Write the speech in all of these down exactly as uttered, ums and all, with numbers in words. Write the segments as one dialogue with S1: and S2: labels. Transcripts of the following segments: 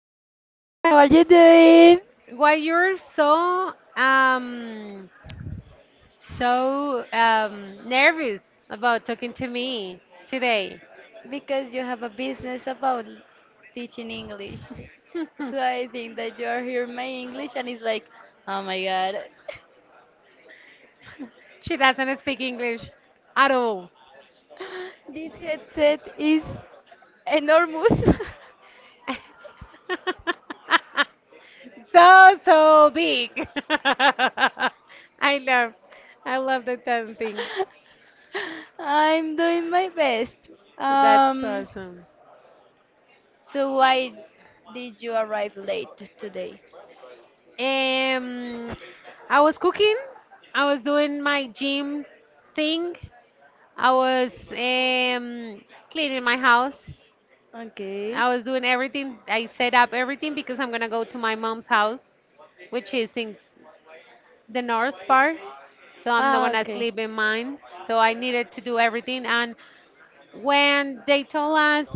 S1: Juliet, how are you doing?
S2: Why you're so um so um nervous about talking to me today?
S1: Because you have a business about teaching English. So I think that you are here my English and it's like, oh my god.
S2: She doesn't speak English at all.
S1: This headset is enormous.
S2: So so big. I love I love the ten things.
S1: I'm doing my best.
S2: That's
S1: Um,
S2: awesome.
S1: so why did you arrive late today?
S2: Um, I was cooking. I was doing my gym thing. I was um, cleaning my house.
S1: Okay.
S2: I was doing everything. I set up everything because I'm gonna go to my mom's house, which is in the north part. So I'm not
S1: Ah,
S2: gonna
S1: okay.
S2: sleep in mine. So I needed to do everything. And when they told us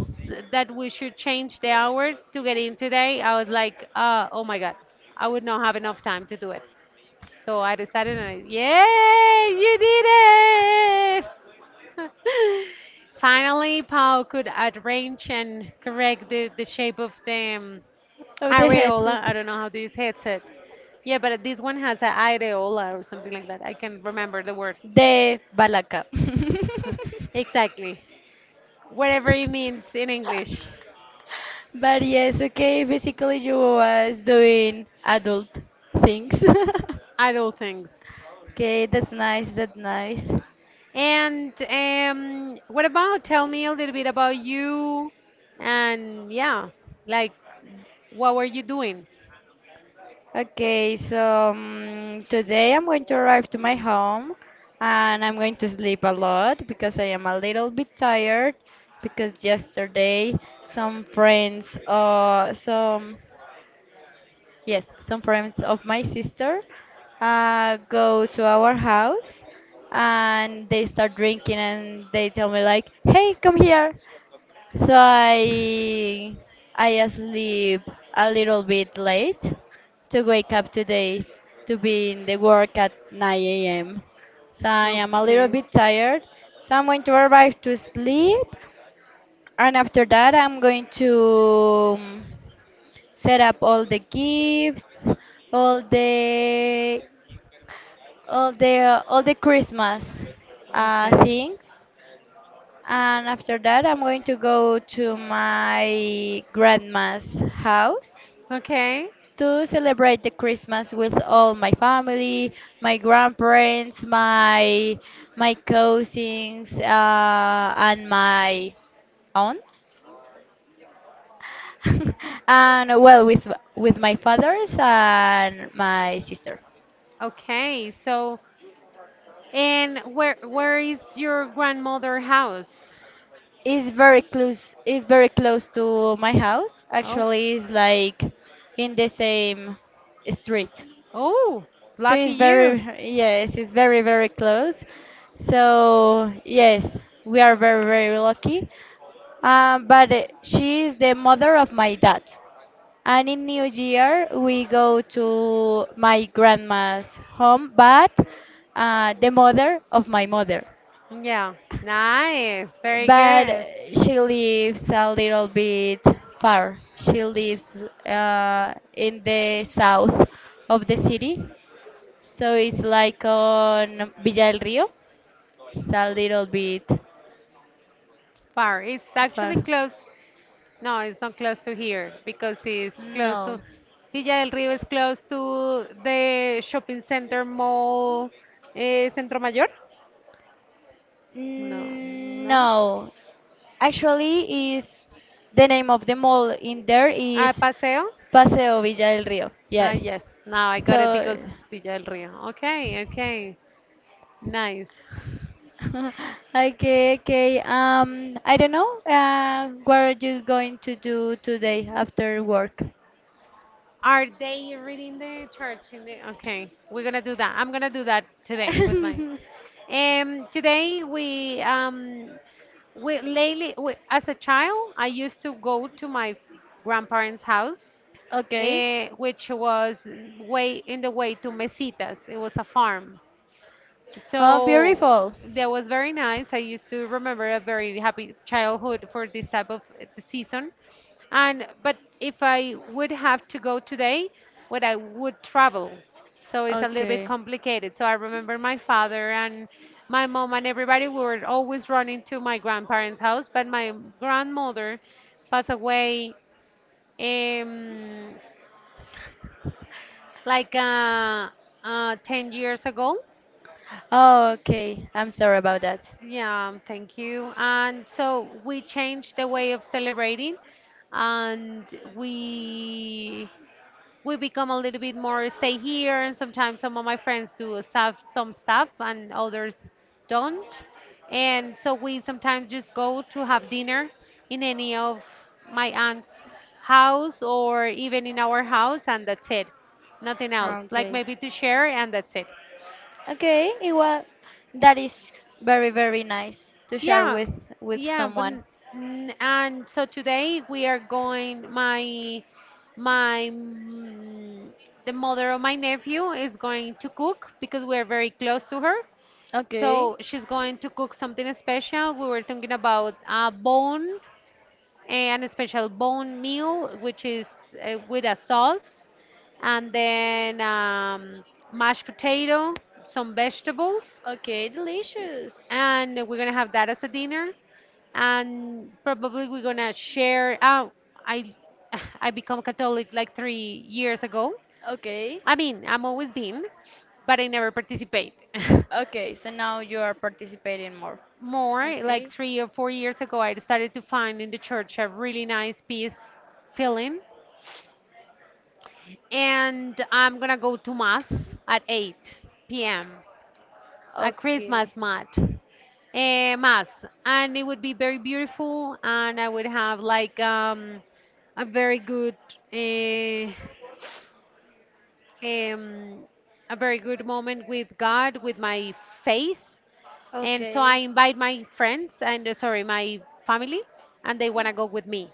S2: that we should change the hour to get in today, I was like, uh, oh my God, I would not have enough time to do it. So I decided, and I, yay, you did it! Finally, Paul could arrange and correct the, the shape of the um,
S1: of the headset,
S2: areola. I don't know how to use headset. Yeah, but this one has a areola or something like that. I can remember the word.
S1: the balaka.
S2: Exactly. Whatever it means in English.
S1: But yes, okay, basically you was doing adult things.
S2: Adult things.
S1: Okay, that's nice, that's nice.
S2: And um, what about tell me a little bit about you and yeah, like what were you doing?
S1: Okay, so um, today I'm going to arrive to my home and I'm going to sleep a lot because I am a little bit tired because yesterday some friends uh some yes, some friends of my sister uh, go to our house and they start drinking and they tell me like, "Hey, come here." So I I sleep a little bit late to wake up today to be in the work at nine a m. So I am a little
S2: Okay.
S1: bit tired. So I'm going to arrive to sleep and after that I'm going to um, set up all the gifts, all the all the all the Christmas uh,
S2: Okay.
S1: things, and after that I'm going to go to my grandma's house
S2: Okay.
S1: to celebrate the Christmas with all my family, my grandparents, my my cousins, uh, and my aunts. And well with with my fathers and my sister.
S2: Okay. So, and where where is your grandmother house?
S1: It's very close. It's very close to my house.
S2: Oh.
S1: Actually, it's like in the same street.
S2: Oh,
S1: So
S2: lucky
S1: it's very,
S2: you.
S1: yes, it's very very close. So yes, we are very very lucky. Um, but uh, she is the mother of my dad. And in New Year we go to my grandma's home, but uh, the mother of my mother.
S2: Yeah. Nice. Very
S1: But
S2: good.
S1: she lives a little bit far. She lives uh, in the south of the city, so it's like on Villa del Rio. It's a little bit
S2: Far. It's
S1: far.
S2: actually close. No, it's not close to here because it's close to
S1: No,
S2: Villa del Río is close to the shopping center mall, eh, Centro Mayor. No,
S1: mm,
S2: no.
S1: no. Actually, is the name of the mall in there
S2: Ah,
S1: is
S2: Paseo.
S1: Paseo Villa del Rio.
S2: Ah, yes.
S1: Yes.
S2: Now I got it
S1: So
S2: because of Villa del Río. Okay, okay. Nice.
S1: okay, okay. Um, I don't know. Uh, what are you going to do today after work?
S2: Are they reading the charts in the okay, we're gonna do that. I'm gonna do that today with mine. Um today we um we lately we, as a child I used to go to my grandparents' house
S1: Okay.
S2: uh, which was way in the way to Mesitas. It was a farm.
S1: Oh,
S2: So
S1: beautiful.
S2: that was very nice. I used to remember a very happy childhood for this type of uh, season. And but if I would have to go today, what I would travel. So it's a little bit
S1: Okay.
S2: complicated. So I remember my father and my mom and everybody we were always running to my grandparents' house, but my grandmother passed away um, like uh, uh, ten years ago.
S1: Oh, okay. I'm sorry about that.
S2: Yeah, thank you. And so we changed the way of celebrating and we we become a little bit more stay here, and sometimes some of my friends do stuff, some stuff, and others don't. And so we sometimes just go to have dinner in any of my aunt's house or even in our house, and that's it. Nothing else. Like
S1: Okay.
S2: maybe to share, and that's it.
S1: Okay, it wa that is very, very nice to share
S2: Yeah,
S1: with with
S2: yeah, but
S1: someone.
S2: mm, and so today we are going. My my mm, the mother of my nephew is going to cook because we are very close to her.
S1: Okay.
S2: So she's going to cook something special. We were thinking about a bone and a special bone meal, which is uh, with a sauce, and then um, mashed potato, some vegetables,
S1: Okay, delicious.
S2: and we're gonna have that as a dinner, and probably we're gonna share oh I I become catholic like three years ago.
S1: Okay.
S2: I mean, I'm always been, but I never participate.
S1: Okay, so now you are participating more.
S2: More like
S1: Okay.
S2: three or four years ago I started to find in the church a really nice peace feeling, and I'm gonna go to mass at eight p.m. a Christmas
S1: Okay.
S2: mat, eh, mass, and it would be very beautiful, and I would have like um, a very good eh, um, a very good moment with God, with my faith, and so I
S1: Okay.
S2: invite my friends and uh, sorry, my family, and they wanna go with me.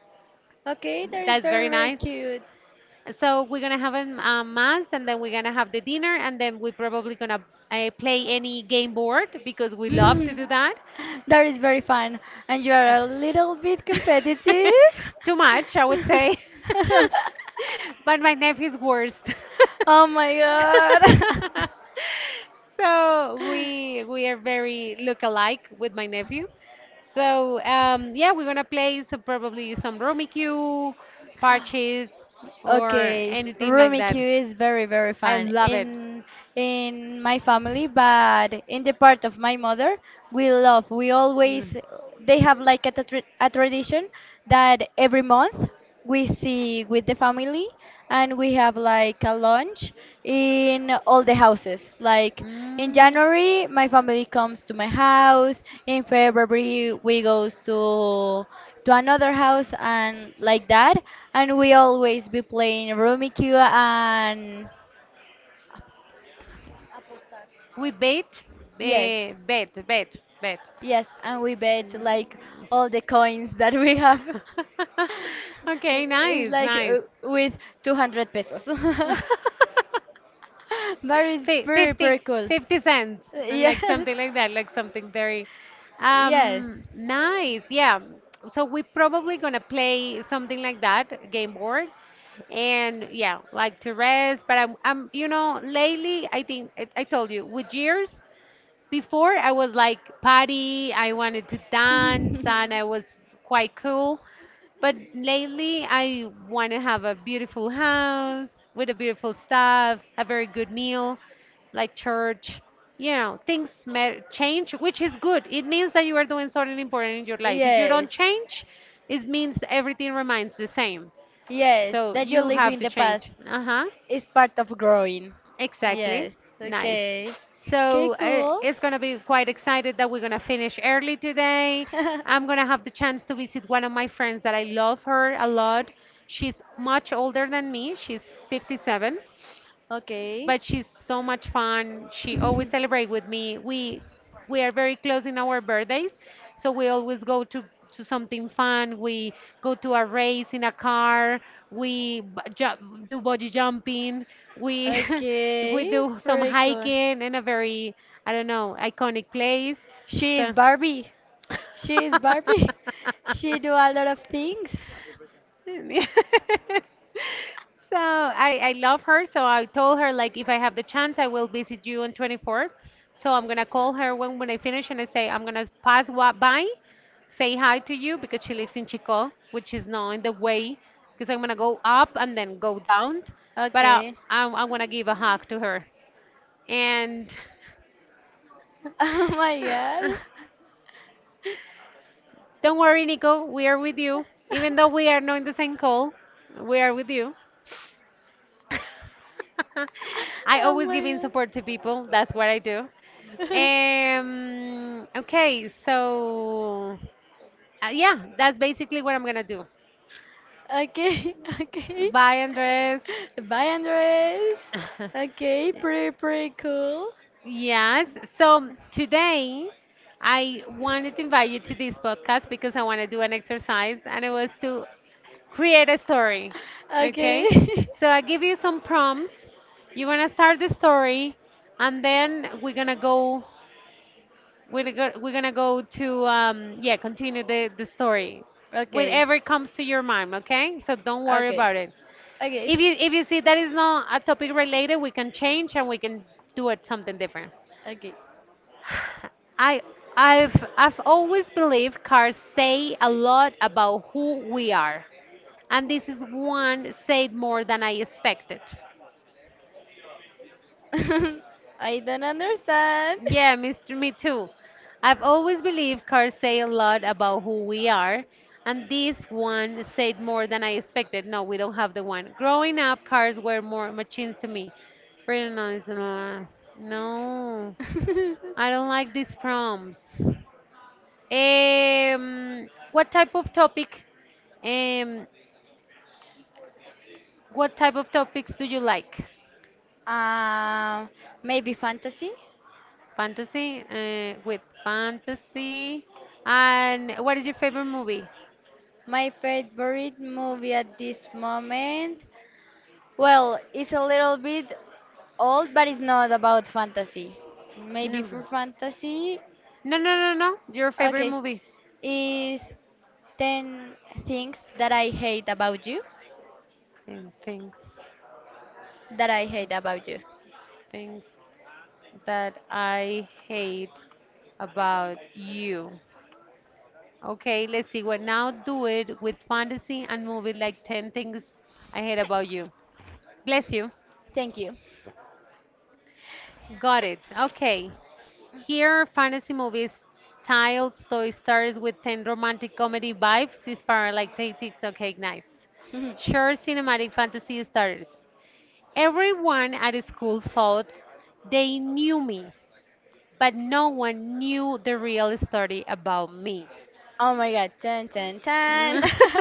S1: Okay, that is
S2: That's
S1: very,
S2: very
S1: very
S2: nice.
S1: cute.
S2: So we're gonna have a, a mass, and then we're gonna have the dinner, and then we're probably gonna uh, play any game board because we love to
S1: Hmm,
S2: do that.
S1: that is very fun. And you are a little bit competitive.
S2: Too much, I would say. But my nephew's worst.
S1: Oh my god.
S2: So we we are very look alike with my nephew. So um, yeah, we're gonna play so probably some Rummikub, Parches, or
S1: Okay,
S2: anything like that.
S1: Rummikub is very very
S2: I
S1: fun
S2: love it.
S1: in in my family, but in the part of my mother, we love. We always
S2: Mm.
S1: they have like a, tra- a tradition that every month we see with the family and we have like a lunch in all the houses. Like in
S2: Mm,
S1: January, my family comes to my house. In February, we goes to to another house and like that and we always be playing Rummikub and
S2: we bet,
S1: yes,
S2: eh, bet, bet, bet.
S1: yes and we bet like all the coins that we have
S2: Okay,
S1: it's
S2: nice,
S1: like
S2: nice.
S1: uh, with 200 pesos but it's
S2: Fi-
S1: pretty
S2: 50
S1: pretty cool
S2: fifty cents and like
S1: yes,
S2: something like that, like something very
S1: yes
S2: um nice. Yeah, so we probably gonna play something like that game board, and yeah, like to rest. But i'm, I'm you know lately i think I, I told you with years before I was like party, I wanted to dance and I was quite cool. But lately I want to have a beautiful house with a beautiful stuff, a very good meal, like church. You know, things may change, which is good. It means that you are doing something important in your life. If you don't
S1: yes,
S2: change, it means everything remains the same.
S1: yes,
S2: So
S1: that you
S2: you
S1: live
S2: have
S1: in
S2: to
S1: the
S2: change.
S1: past
S2: Uh-huh.
S1: is part of growing.
S2: Exactly.
S1: Yes,
S2: Nice.
S1: okay. Okay,
S2: So I,
S1: cool.
S2: it's going to be quite excited that we're going to finish early today. I'm going to have the chance to visit one of my friends that I love her a lot. She's much older than me. She's fifty seven
S1: Okay.
S2: but she's so much fun. She always celebrate with me. We we are very close in our birthdays, so we always go to to something fun. We go to a race in a car. We b- ju- do bungee jumping. We we
S1: Okay,
S2: do some
S1: pretty cool.
S2: hiking in a very I don't know iconic place.
S1: She is
S2: So.
S1: Barbie. She is Barbie. She do a lot of things.
S2: so I, I love her. So I told her like if I have the chance, I will visit you on twenty-fourth. So I'm gonna call her when when I finish and I say I'm gonna pass wa- by, say hi to you because she lives in Chico, which is not in the way because I'm gonna go up and then go down. But uh,
S1: Okay.
S2: I I wanna give a hug to her and.
S1: Oh my god.
S2: Don't worry, Nico. We are with you. Even though we are not in the same call, we are with you. I
S1: Oh
S2: always giving
S1: my
S2: support to people. That's what I do.
S1: god.
S2: Um, okay, so uh, yeah, that's basically what I'm gonna do.
S1: Okay, okay.
S2: Bye, Andres.
S1: Bye, Andres. Okay, pretty, pretty cool.
S2: Yes. So today I wanted to invite you to this podcast because I want to do an exercise and it was to create a story. Okay?
S1: Okay.
S2: So I give you some prompts. You're going to start the story and then we're going to go We're, go- we're gonna go to, um, yeah, continue the, the story.
S1: Okay,
S2: Whatever comes to your mind, okay? So don't worry
S1: okay,
S2: about it.
S1: okay,
S2: If you, if you see that is not a topic related, we can change and we can do it something different.
S1: okay.
S2: I I've I've always believed cars say a lot about who we are. And this is one said more than I expected.
S1: I don't understand.
S2: Yeah, Mister me too. I've always believed cars say a lot about who we are, and this one said more than I expected. No, we don't have the one. Growing up, cars were more machines to me. Pretty nice. uh, No, I don't like these prompts. Um, what type of topic? Um, what type of topics do you like?
S1: Um, maybe fantasy?
S2: Fantasy, uh, with fantasy, and what is your favorite movie?
S1: My favorite movie at this moment, well, it's a little bit old, but it's not about fantasy. Maybe
S2: Mm.
S1: for fantasy,
S2: No, no, no, no. Your favorite
S1: okay,
S2: movie.
S1: is 10 things that I hate about you,
S2: And things,
S1: that I hate about you.
S2: things that I hate about you. Okay, let's see. Well, now do it with fantasy and movie like ten things I hate about you. Bless you.
S1: Thank you.
S2: Got it. Okay. Here, fantasy movies, title story starts with ten romantic comedy vibes, inspired like tactics. Okay, nice.
S1: Oh
S2: Sure, cinematic fantasy starters. Everyone at school thought they knew me, but no one knew the real story about me.
S1: my god, ten, ten, ten.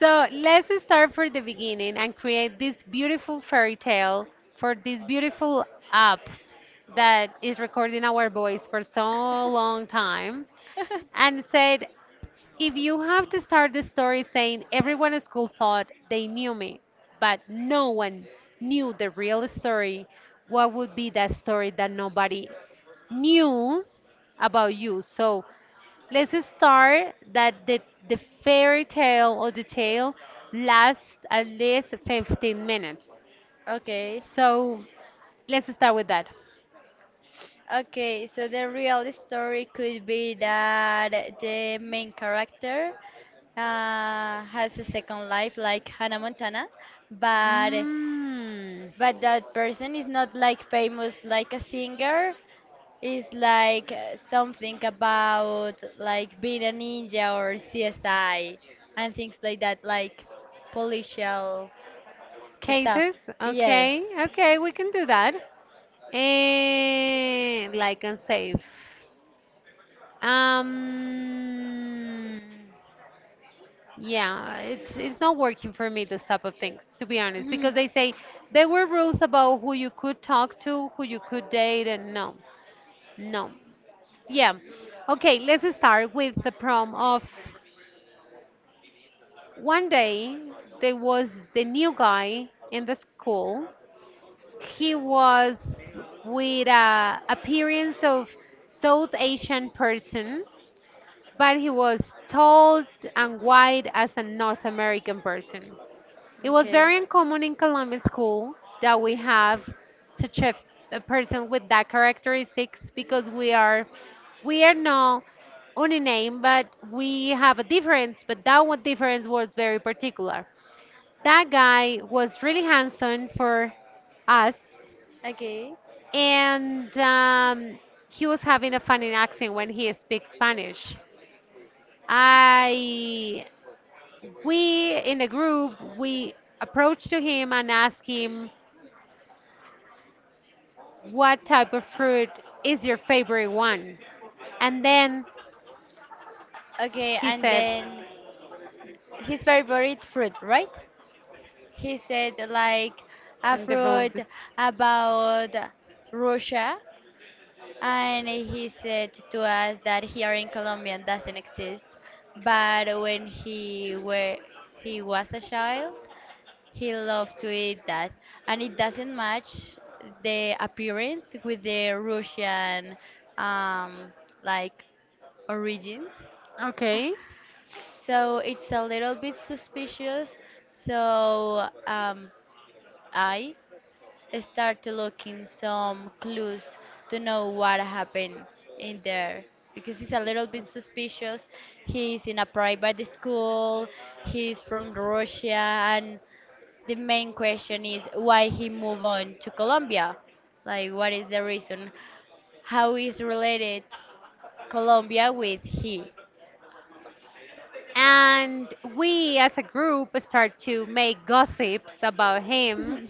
S2: So let's start from the beginning and create this beautiful fairy tale for this beautiful app that is recording our voice for so long time and said if you have to start the story saying everyone at school thought they knew me, but no one knew the real story, what would be that story that nobody knew about you? So let's start that the, the fairy tale or the tale lasts at least fifteen minutes.
S1: Okay.
S2: So let's start with that.
S1: Okay, so the real story could be that the main character uh, has a second life like Hannah Montana, but
S2: Mm,
S1: but that person is not like famous like a singer. Is like uh, something about like being a ninja or C S I and things like that, like policial stuff.
S2: cases?
S1: Yes.
S2: Okay, okay, we can do that. Eh, like and save. Um, yeah, it's it's not working for me. Those type of things, to be honest, because
S1: Mhm.
S2: they say there were rules about who you could talk to, who you could date, and no, no, yeah. Okay, let's start with the prom of one day. There was the new guy in the school. He was with a appearance of South Asian person, but he was tall and wide as a North American person. It was
S1: Okay.
S2: very uncommon in Colombian school that we have such a, a person with that characteristics because we are we are not only name but we have a difference, but that one difference was very particular. That guy was really handsome for us,
S1: Okay.
S2: and um, he was having a funny accent when he speaks Spanish. I we in the group, we approached to him and asked him what type of fruit is your favorite one, and then
S1: Okay,
S2: he
S1: and
S2: said
S1: then his favorite fruit, right? He said like a
S2: and developed
S1: fruit
S2: this.
S1: about Russia, and he said to us that here in Colombia doesn't exist. But when he were he was a child, he loved to eat that, and it doesn't match the appearance with the Russian um, like origins.
S2: Okay,
S1: So it's a little bit suspicious. So um, I started looking some clues to know what happened in there because he's a little bit suspicious. He's in a private school, he's from Russia, and the main question is why he moved on to Colombia. Like, what is the reason? How is related Colombia with he?
S2: and we as a group start to make gossips about him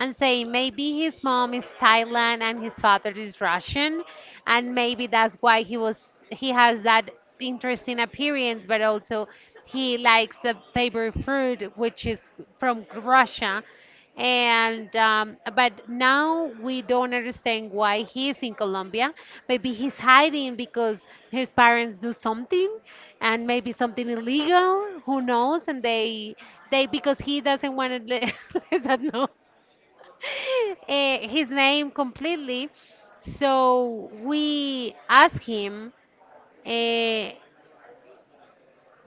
S2: and say maybe his mom is Thailand and his father is Russian, and maybe that's why he was, he has that interesting appearance, but also he likes the favorite fruit which is from Russia. And um, but now we don't understand why he is in Colombia. Maybe he's hiding because his parents do something, and maybe something illegal. Who knows? And they they because he doesn't want to let, let us know uh, his name completely. So we asked him. Uh,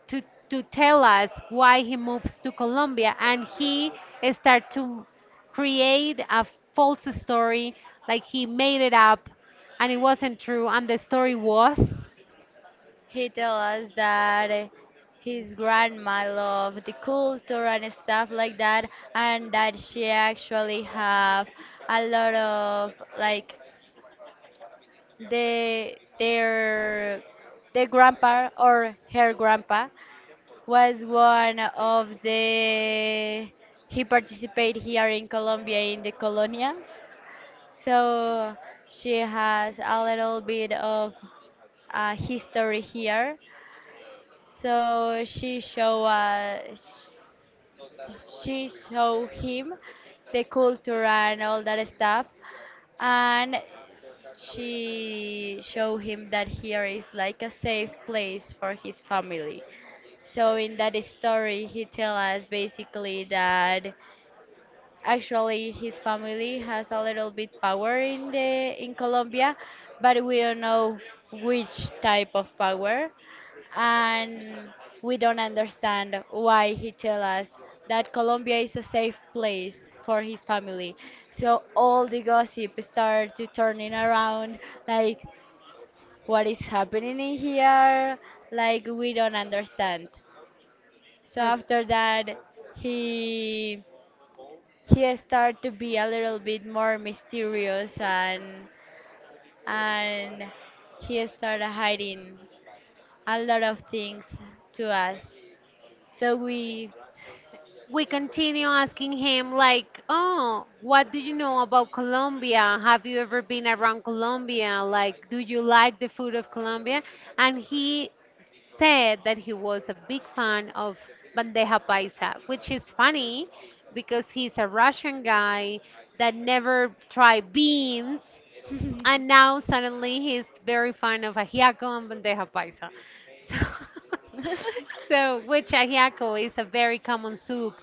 S2: to, to tell us why he moves to Colombia, and he start to create a false story, like he made it up and it wasn't true. And the story was,
S1: He tell us that his grandma loved the culture and stuff like that, and that she actually have a lot of like the their the grandpa or her grandpa was one of the he participated here in Colombia in the colonia. So she has a little bit of uh, history here. So she show us, she show him the culture and all that stuff, and she show him that here is like a safe place for his family. So in that story, he tell us basically that actually, his family has a little bit power in the in Colombia, but we don't know which type of power, and we don't understand why he tell us that Colombia is a safe place for his family. So all the gossip start to turning around, like what is happening in here, like we don't understand. So after that, he he started to be a little bit more mysterious and and he started hiding a lot of things to us so we
S2: we continue asking him like, oh, what do you know about Colombia? Have you ever been around Colombia? Like, do you like the food of Colombia? And he said that he was a big fan of bandeja paisa, which is funny because he's a Russian guy that never tried beans, and now suddenly he's very fond of ajiaco and bandeja paisa. So, so which ajiaco is a very common soup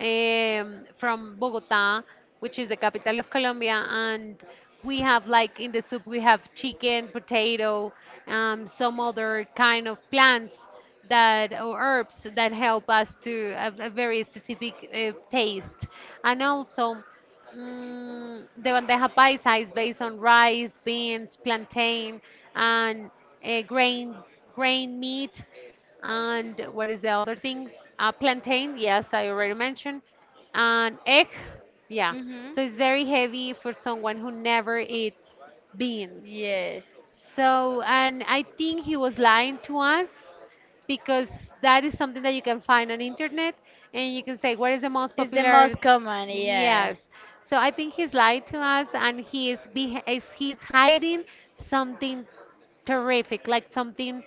S2: um, from Bogota, which is the capital of Colombia. And we have, like, in the soup we have chicken, potato, um, some other kind of plants that, or herbs, that help us to have a very specific uh, taste, and also. Mm, the bandeja paisa is based on rice, beans, plantain, and uh, grain, grain meat. And what is the other thing? Uh, plantain, yes, I already mentioned, and egg, yeah.
S1: hmm.
S2: So it's very heavy for someone who never eats beans.
S1: Yes.
S2: So, and I think he was lying to us because that is something that you can find on internet, and you can say what is the most
S1: It's the
S2: popular.
S1: most common, yeah.
S2: Yes. So I think he's lied to us, and he is beh is he's hiding something terrific, like something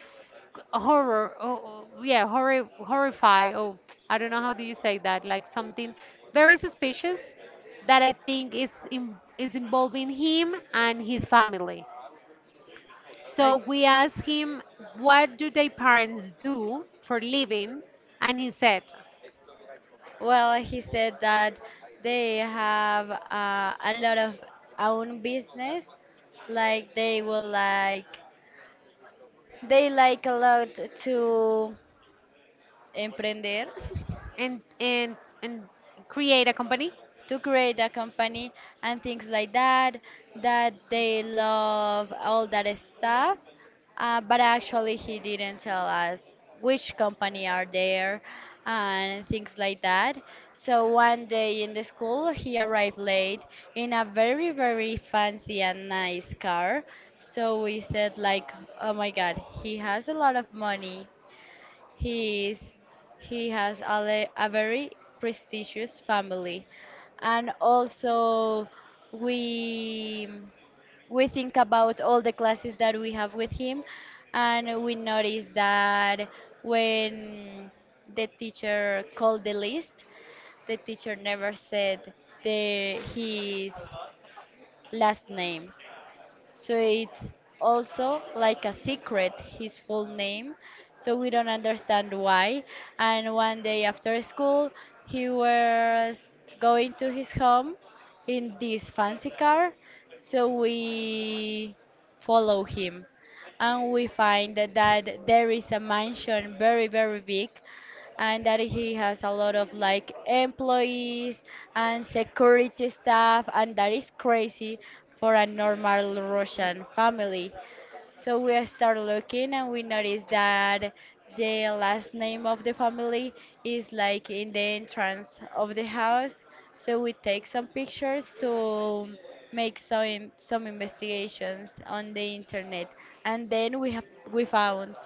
S2: horror. Oh, oh, yeah, horror horrify. Oh, I don't know how do you say that, like something very suspicious that I think is in, is involving him and his family. So
S1: Like,
S2: we asked him, what do their parents do for living? And he said,
S1: well, he said that they have uh, a lot of own business. Like they will like they like a lot to emprender.
S2: and, and, and create a company.
S1: To create a company and things like that, that they love all that stuff. Uh, but actually, he didn't tell us which company are there and things like that. So one day in the school, he arrived late in a very, very fancy and nice car. So we said like, oh my God, he has a lot of money. He is, he has a, le- a very prestigious family, and also we we think about all the classes that we have with him, and we notice that when the teacher called the list, the teacher never said the his last name. So it's also like a secret, his full name. So we don't understand why. And one day after school, he was going to his home in this fancy car. So we follow him. And we find that there is a mansion very, very big and that he has a lot of like employees and security staff, and that is crazy for a normal Russian family. So we start looking and we notice that the last name of the family is like in the entrance of the house. So we take some pictures to make some some investigations on the internet and then we have we found.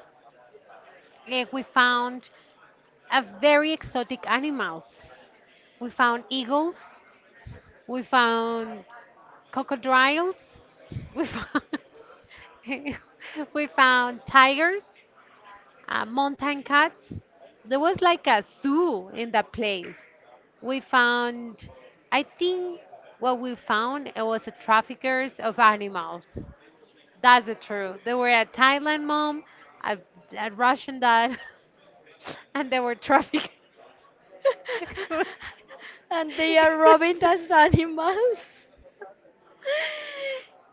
S2: And we found a very exotic animals. We found eagles. We found crocodiles. We found, we found tigers. uh, mountain cats. There was like a zoo in that place. We found, I think what we found, it was a traffickers of animals. That's the truth. They were a Thailand mom, a, a Russian dad, and they were trafficked.
S1: And they are robbing us animals.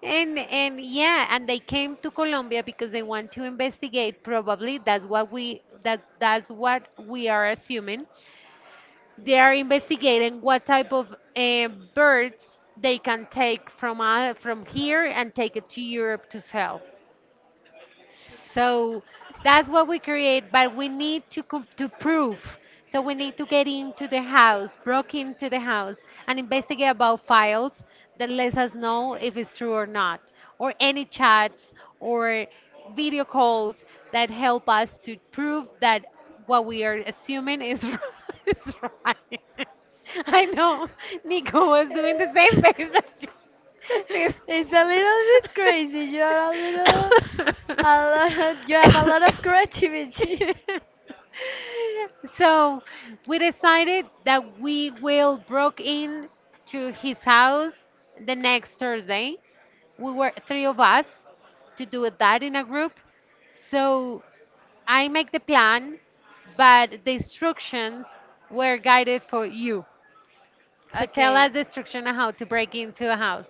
S2: And and yeah, and they came to Colombia because they want to investigate. Probably that's what we, that that's what we are assuming. They are investigating what type of uh, birds they can take from uh, from here and take it to Europe to sell. So that's what we create, but we need to com- to prove. So we need to get into the house, broke into the house, and investigate about files that lets us know if it's true or not, or any chats, or video calls that help us to prove that what we are assuming is is right. I know Nico was doing the same face that you. This-
S1: It's a little bit crazy. You are a little, a lot. Of, you have a lot of creativity.
S2: so we decided that we will broke in to his house the next Thursday. We were three of us to do that in a group. So I make the plan, but the instructions were guided for you. So tell
S1: Okay.
S2: us the instruction on how to break into a house.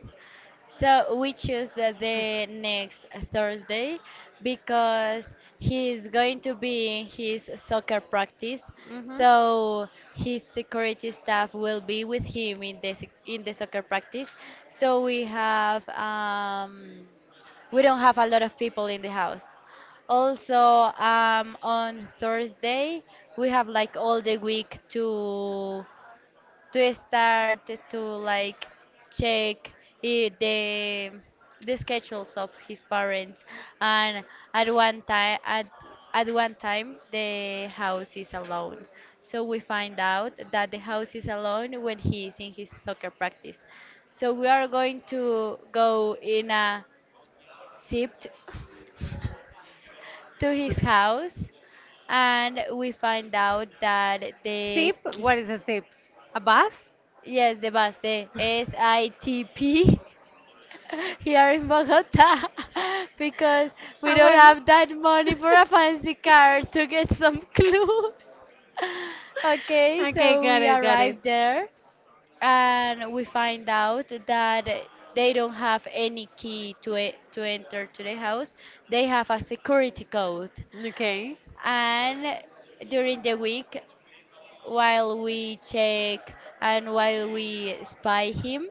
S1: So we choose uh, the next Thursday because he is going to be in his soccer practice.
S2: Hmm.
S1: So his security staff will be with him in the sec- in the soccer practice. So we have um, we don't have a lot of people in the house. Also, um, on Thursday we have like all the week to to start to like check i- the the schedules of his parents and at one time at at one time the house is alone so we find out that the house is alone when he is in his soccer practice so we are going to go in a zipped to his house and we find out that. the
S2: Sip?
S1: ki-
S2: What is a sip? A bus?
S1: Yes, the Baste, S I T P here in Bogota because
S2: A
S1: we don't
S2: bus.
S1: have that money for a fancy car to get some clues. Okay,
S2: Okay,
S1: so
S2: got
S1: we
S2: it, got it.
S1: arrived there and we find out that they don't have any key to e- to enter to the house. They have a security code.
S2: Okay,
S1: And during the week, while we check and while we spy him,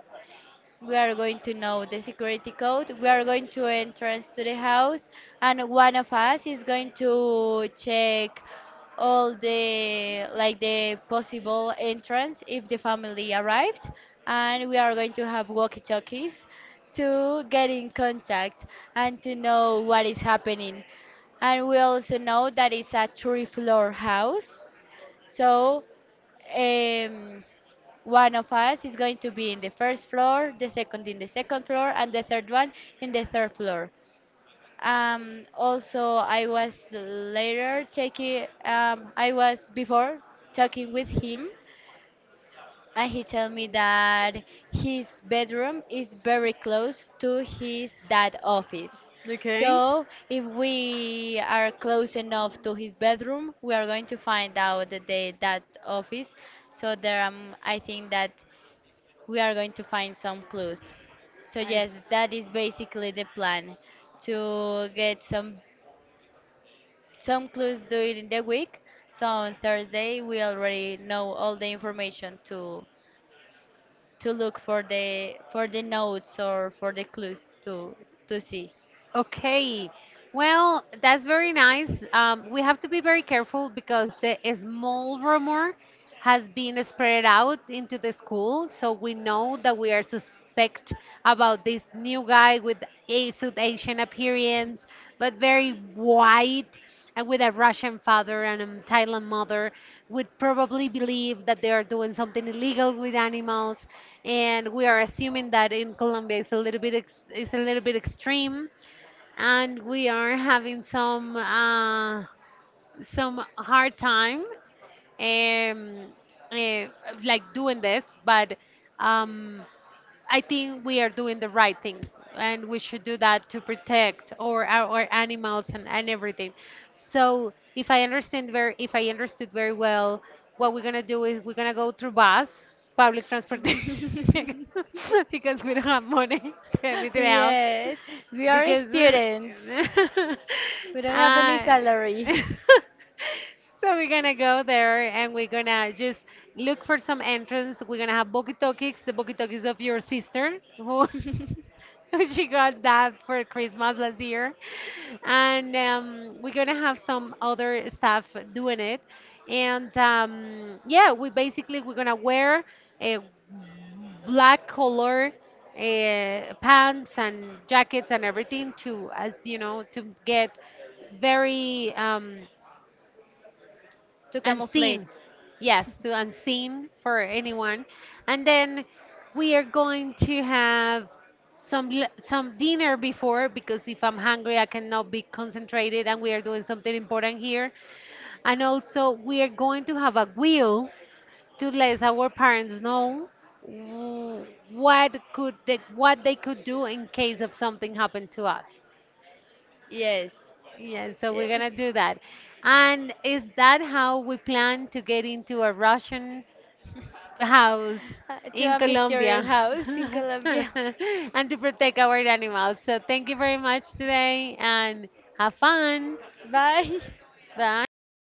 S1: we are going to know the security code. We are going to entrance to the house, and one of us is going to check all the like the possible entrance if the family arrived, and we are going to have walkie-talkies to get in contact and to know what is happening. And we also know that it's a three-floor house, so. Um, one of us is going to be in the first floor, the second in the second floor, and the third one in the third floor. Um, also, I was later taking, um, I was before talking with him, and he told me that his bedroom is very close to his dad office.
S2: okay.
S1: So, if we are close enough to his bedroom, we are going to find out the dad office. So there, um, I think that we are going to find some clues. So
S2: I,
S1: yes, that is basically the plan to get some some clues during the week. So on Thursday we already know all the information to to look for the for the notes or for the clues to to see.
S2: Okay. Well, that's very nice. Um, we have to be very careful because the small rumor has been spread out into the school, so we know that we are suspect about this new guy with a South Asian appearance, but very white, and with a Russian father and a Thailand mother. Would probably believe that they are doing something illegal with animals, and we are assuming that in Colombia it's a little bit ex- it's a little bit extreme, and we are having some uh, some hard time, um, uh, like doing this. But um, I think we are doing the right thing, and we should do that to protect our, our animals, and, and everything. So if I understand very, if I understood very well, what we're gonna do is we're gonna go through bus, public transportation, because we don't have money to anything else.
S1: Yes, we are
S2: Because
S1: students.
S2: uh,
S1: We don't have any
S2: uh,
S1: salary.
S2: so we're gonna go there, and we're gonna just look for some entrance. We're gonna have walkie talkies, the walkie talkies of your sister who she got that for Christmas last year. And um, we're going to have some other staff doing it. And um, yeah, we basically, we're going to wear a black color uh, pants and jackets and everything to, as you know, to get very um,
S1: To camouflage.
S2: unseen. Yes, to unseen for anyone. And then we are going to have some l- some dinner before, because if I'm hungry I cannot be concentrated, and we are doing something important here. And also we are going to have a wheel to let our parents know w- what could they, what they could do in case of something happened to us.
S1: Yes.
S2: Yeah, so we're
S1: Yes.
S2: gonna do that. And is that how we plan to get into a Russian house
S1: Uh, to
S2: in
S1: a mysterious
S2: Colombia,
S1: house in Colombia.
S2: and to protect our animals. So thank you very much today, and have fun.
S1: Bye.
S2: Bye.